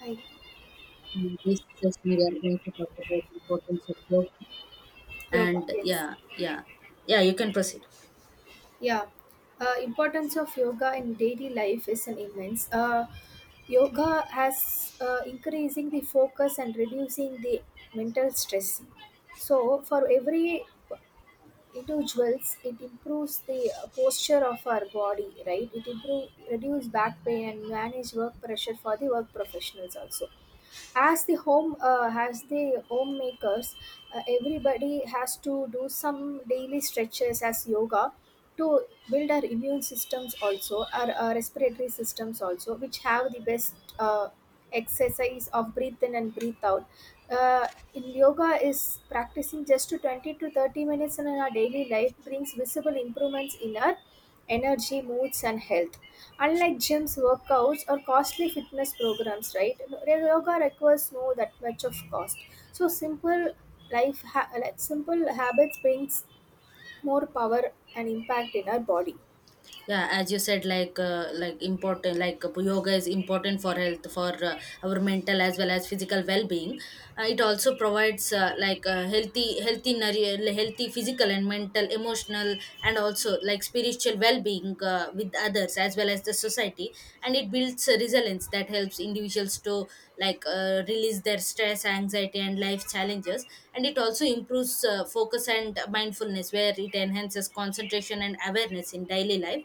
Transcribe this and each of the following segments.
Hi. In this session, we are going to talk about importance of yoga. Yoga, And yes. yeah, yeah, yeah, you can proceed. Yeah. Importance of yoga in daily life is an immense. Yoga has increasing the focus and reducing the mental stress. So for every individuals, it improves the posture of our body, right? It improve reduce back pain and manage work pressure for the work professionals also. As the homemakers, everybody has to do some daily stretches as yoga to build our immune systems also our, respiratory systems also which have the best exercise of breathe in and breathe out uh, in yoga is practicing just to 20 to 30 minutes in our daily life brings visible improvements in our energy moods and health unlike gyms workouts or costly fitness programs, right? Yoga requires no that much of cost. So simple like simple habits brings more power and impact in our body. Yeah, as you said, like important like yoga is important for health, for our mental as well as physical well-being. Uh, it also provides healthy physical and mental, emotional, and also like spiritual well-being with others as well as the society. And it builds a resilience that helps individuals to release their stress, anxiety and life challenges. And it also improves focus and mindfulness, where it enhances concentration and awareness in daily life.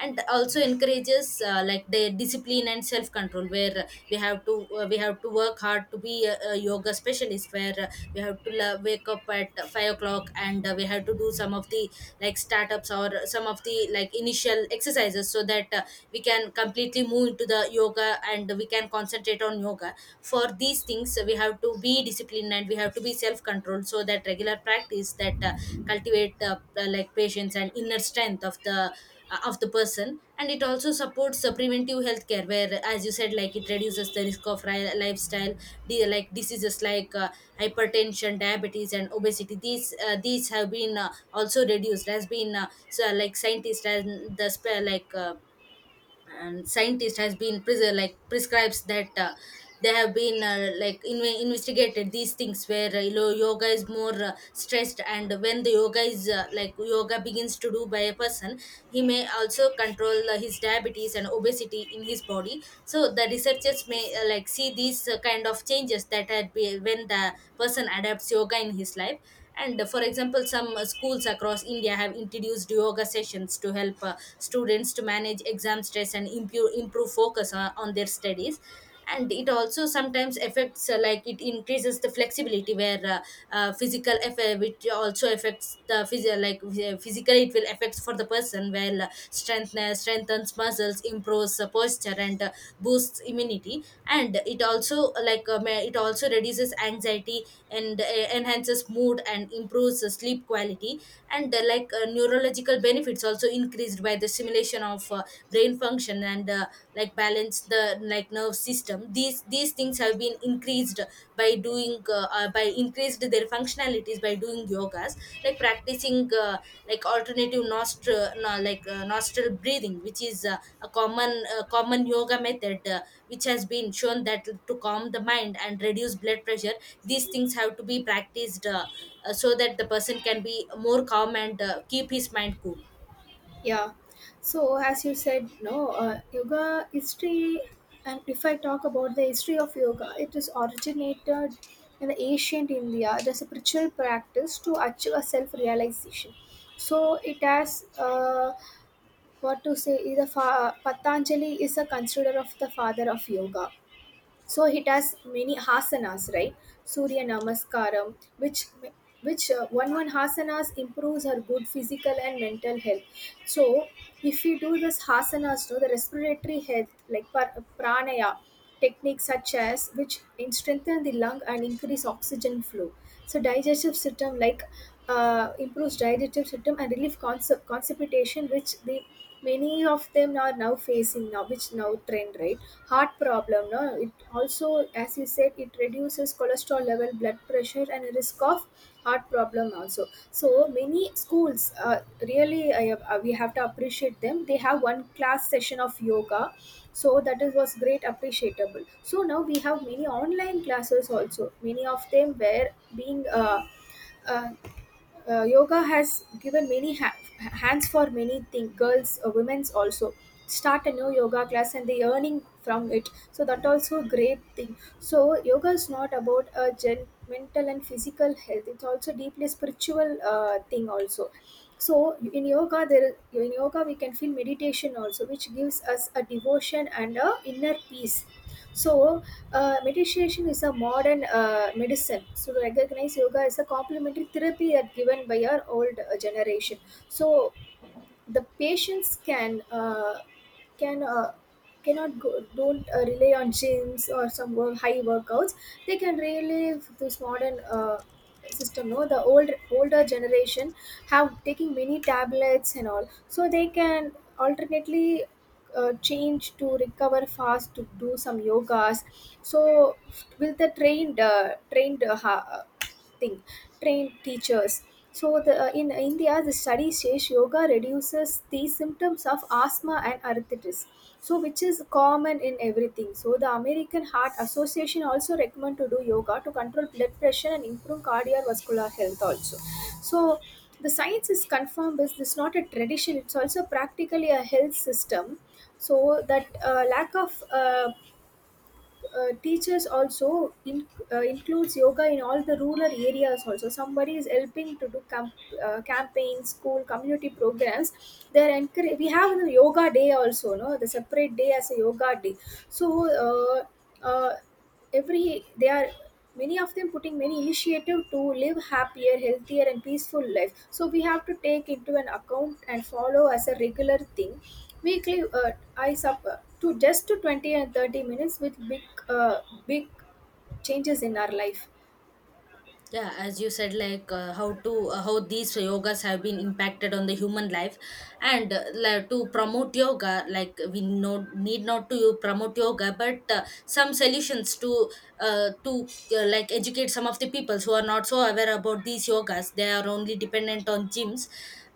And also encourages like the discipline and self control, where we have to work hard to be a yoga specialist, where we have to la- wake up at 5 o'clock, and we have to do some of the like startups or some of the like initial exercises, so that we can completely move into the yoga and we can concentrate on yoga. For these things we have to be disciplined and we have to be self controlled, so that regular practice that cultivate like patience and inner strength of the person. And it also supports preventive healthcare, where, as you said, like it reduces the risk of lifestyle like diseases like hypertension, diabetes and obesity. These these have been also reduced, has been so, like scientists and the and scientist has been like prescribes that they have been like investigated these things, where you know, yoga is more stressed, and when the yoga is like yoga begins to do by a person, he may also control his diabetes and obesity in his body. So the researchers may like see these kind of changes that had be when the person adapts yoga in his life. And for example, some schools across india have introduced yoga sessions to help students to manage exam stress and improve focus on their studies. And it also sometimes affects like it increases the flexibility, where physical effect which also affects the physio like physically it will affect for the person, where strengthens muscles, improves posture and boosts immunity. And it also it also reduces anxiety and enhances mood and improves sleep quality. And neurological benefits also increased by the stimulation of brain function, and like balance the like nerve system. These things have been increased by doing by increased their functionalities by doing yogas, like practicing like alternative nostril no, nostril breathing, which is a common common yoga method, which has been shown that to calm the mind and reduce blood pressure. These things have to be practiced so that the person can be more calm and keep his mind cool. Yeah. So as you said, no, yoga history, and if I talk about the history of yoga, it is originated in the ancient India as a spiritual practice to achieve a self-realization. So it has what to say. Patanjali is a considerer of the father of yoga. So it has many asanas, right? Surya Namaskaram, which one asanas improves her good physical and mental health. So if you do this asanas, no, the respiratory health like pranaya techniques such as which strengthen the lung and increase oxygen flow. So digestive system like improves digestive system and relieve constipation, which the many of them are now facing now which now trend, right? Heart problem, no, it also as you said it reduces cholesterol level, blood pressure and risk of heart problem also. So many schools really we have to appreciate them. They have one class session of yoga, so that is was great appreciable. So now we have many online classes also. Many of them were being uh, yoga has given many hands for many things, girls, women's also start a new yoga class and they earning from it, so that also great thing. So yoga is not about a mental and physical health, it's also deeply spiritual thing also. So in yoga we can feel meditation also which gives us a devotion and a inner peace. So meditation is a modern medicine. So, to recognize yoga as a complementary therapy that given by our old generation. So, the patients can uh, cannot go, don't rely on gyms or some high workouts. They can really this modern system, no, the old older generation have taking many tablets and all, so they can alternately change to recover fast to do some yogas. So with the trained trained ha- thing trained teachers. So the in India the study says yoga reduces the symptoms of asthma and arthritis, so which is common in everything. So the American Heart Association also recommend to do yoga to control blood pressure and improve cardiovascular health also. So the science is confirmed is this not a tradition, it's also practically a health system. So that lack of teachers also in, includes yoga in all the rural areas also. Somebody is helping to do campaigns, school community programs. They're encourage we have the yoga day also, no, the separate day as a yoga day. So uh, uh, every they are many of them putting many initiative to live happier, healthier and peaceful life, so we have to take into an account and follow as a regular thing weekly. Uh, I sub to just to 20 and 30 minutes with uh, big changes in our life. Yeah, as you said, how to how these yogas have been impacted on the human life. And like, to promote yoga, like we no need not to promote yoga, but some solutions to uh, to like educate some of the people who are not so aware about these yogas, they are only dependent on gyms.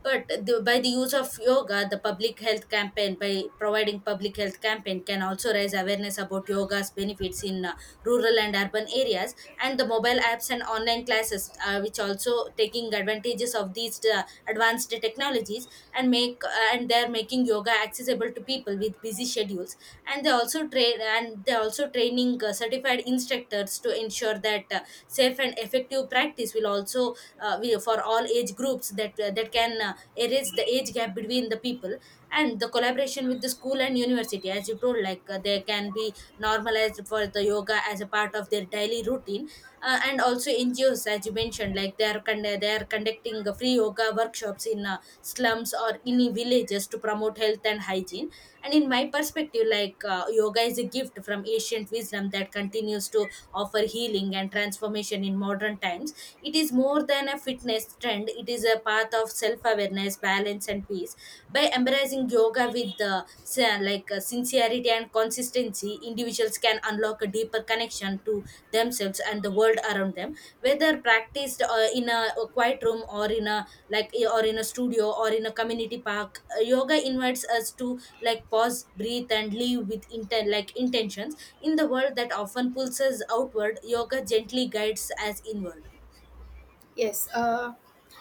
But by the use of yoga, the public health campaign, by providing public health campaign, can also raise awareness about yoga's benefits in rural and urban areas. And the mobile apps and online classes, which also taking advantages of these advanced technologies, and make and they're making yoga accessible to people with busy schedules. And they also training certified instructors to ensure that safe and effective practice will also for all age groups, that that can erase the age gap between the people. And the collaboration with the school and university, as you told, they can be normalized for the yoga as a part of their daily routine. And also NGOs, as you mentioned, like they are they are conducting free yoga workshops in slums or in villages to promote health and hygiene. And in my perspective, yoga is a gift from ancient wisdom that continues to offer healing and transformation in modern times. It is more than a fitness trend, it is a path of self awareness, balance and peace. By embracing yoga with sincerity and consistency, individuals can unlock a deeper connection to themselves and the world around them. Whether practiced in a quiet room, or in a like eh, or in a studio, or in a community park, yoga invites us to like pause, breathe and live with like intentions. In the world that often pulls us outward, yoga gently guides us inward. Yes,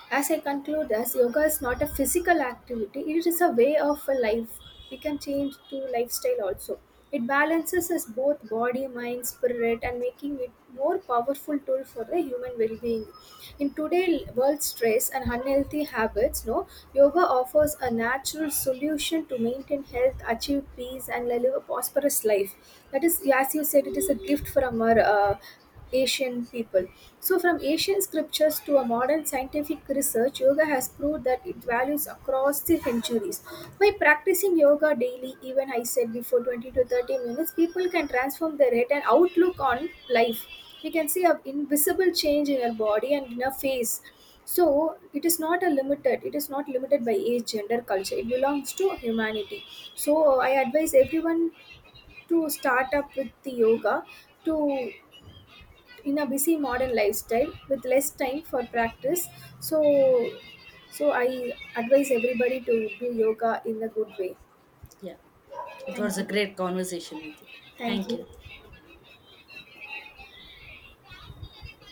as I conclude, as yoga is not a physical activity, it is a way of a life. We can change to lifestyle also. It balances us both body, mind, spirit, and making it more powerful tool for the human well-being. In today's world stress and unhealthy habits, no, yoga offers a natural solution to maintain health, achieve peace, and live a prosperous life. That is, as you said, it is a gift from our Asian people. So, from ancient scriptures to a modern scientific research, yoga has proved that it values across the centuries. By practicing yoga daily, even I said before 20 to 30 minutes, people can transform their head and outlook on life. You can see an invisible change in your body and in our face. So it is not a limited. It is not limited by age, gender, culture. It belongs to humanity. So I advise everyone to start up with the yoga to in a busy modern lifestyle with less time for practice. So so I advise everybody to do yoga in a good way. Yeah, it was Thank a you. great conversation with you. Thank Thank you. you.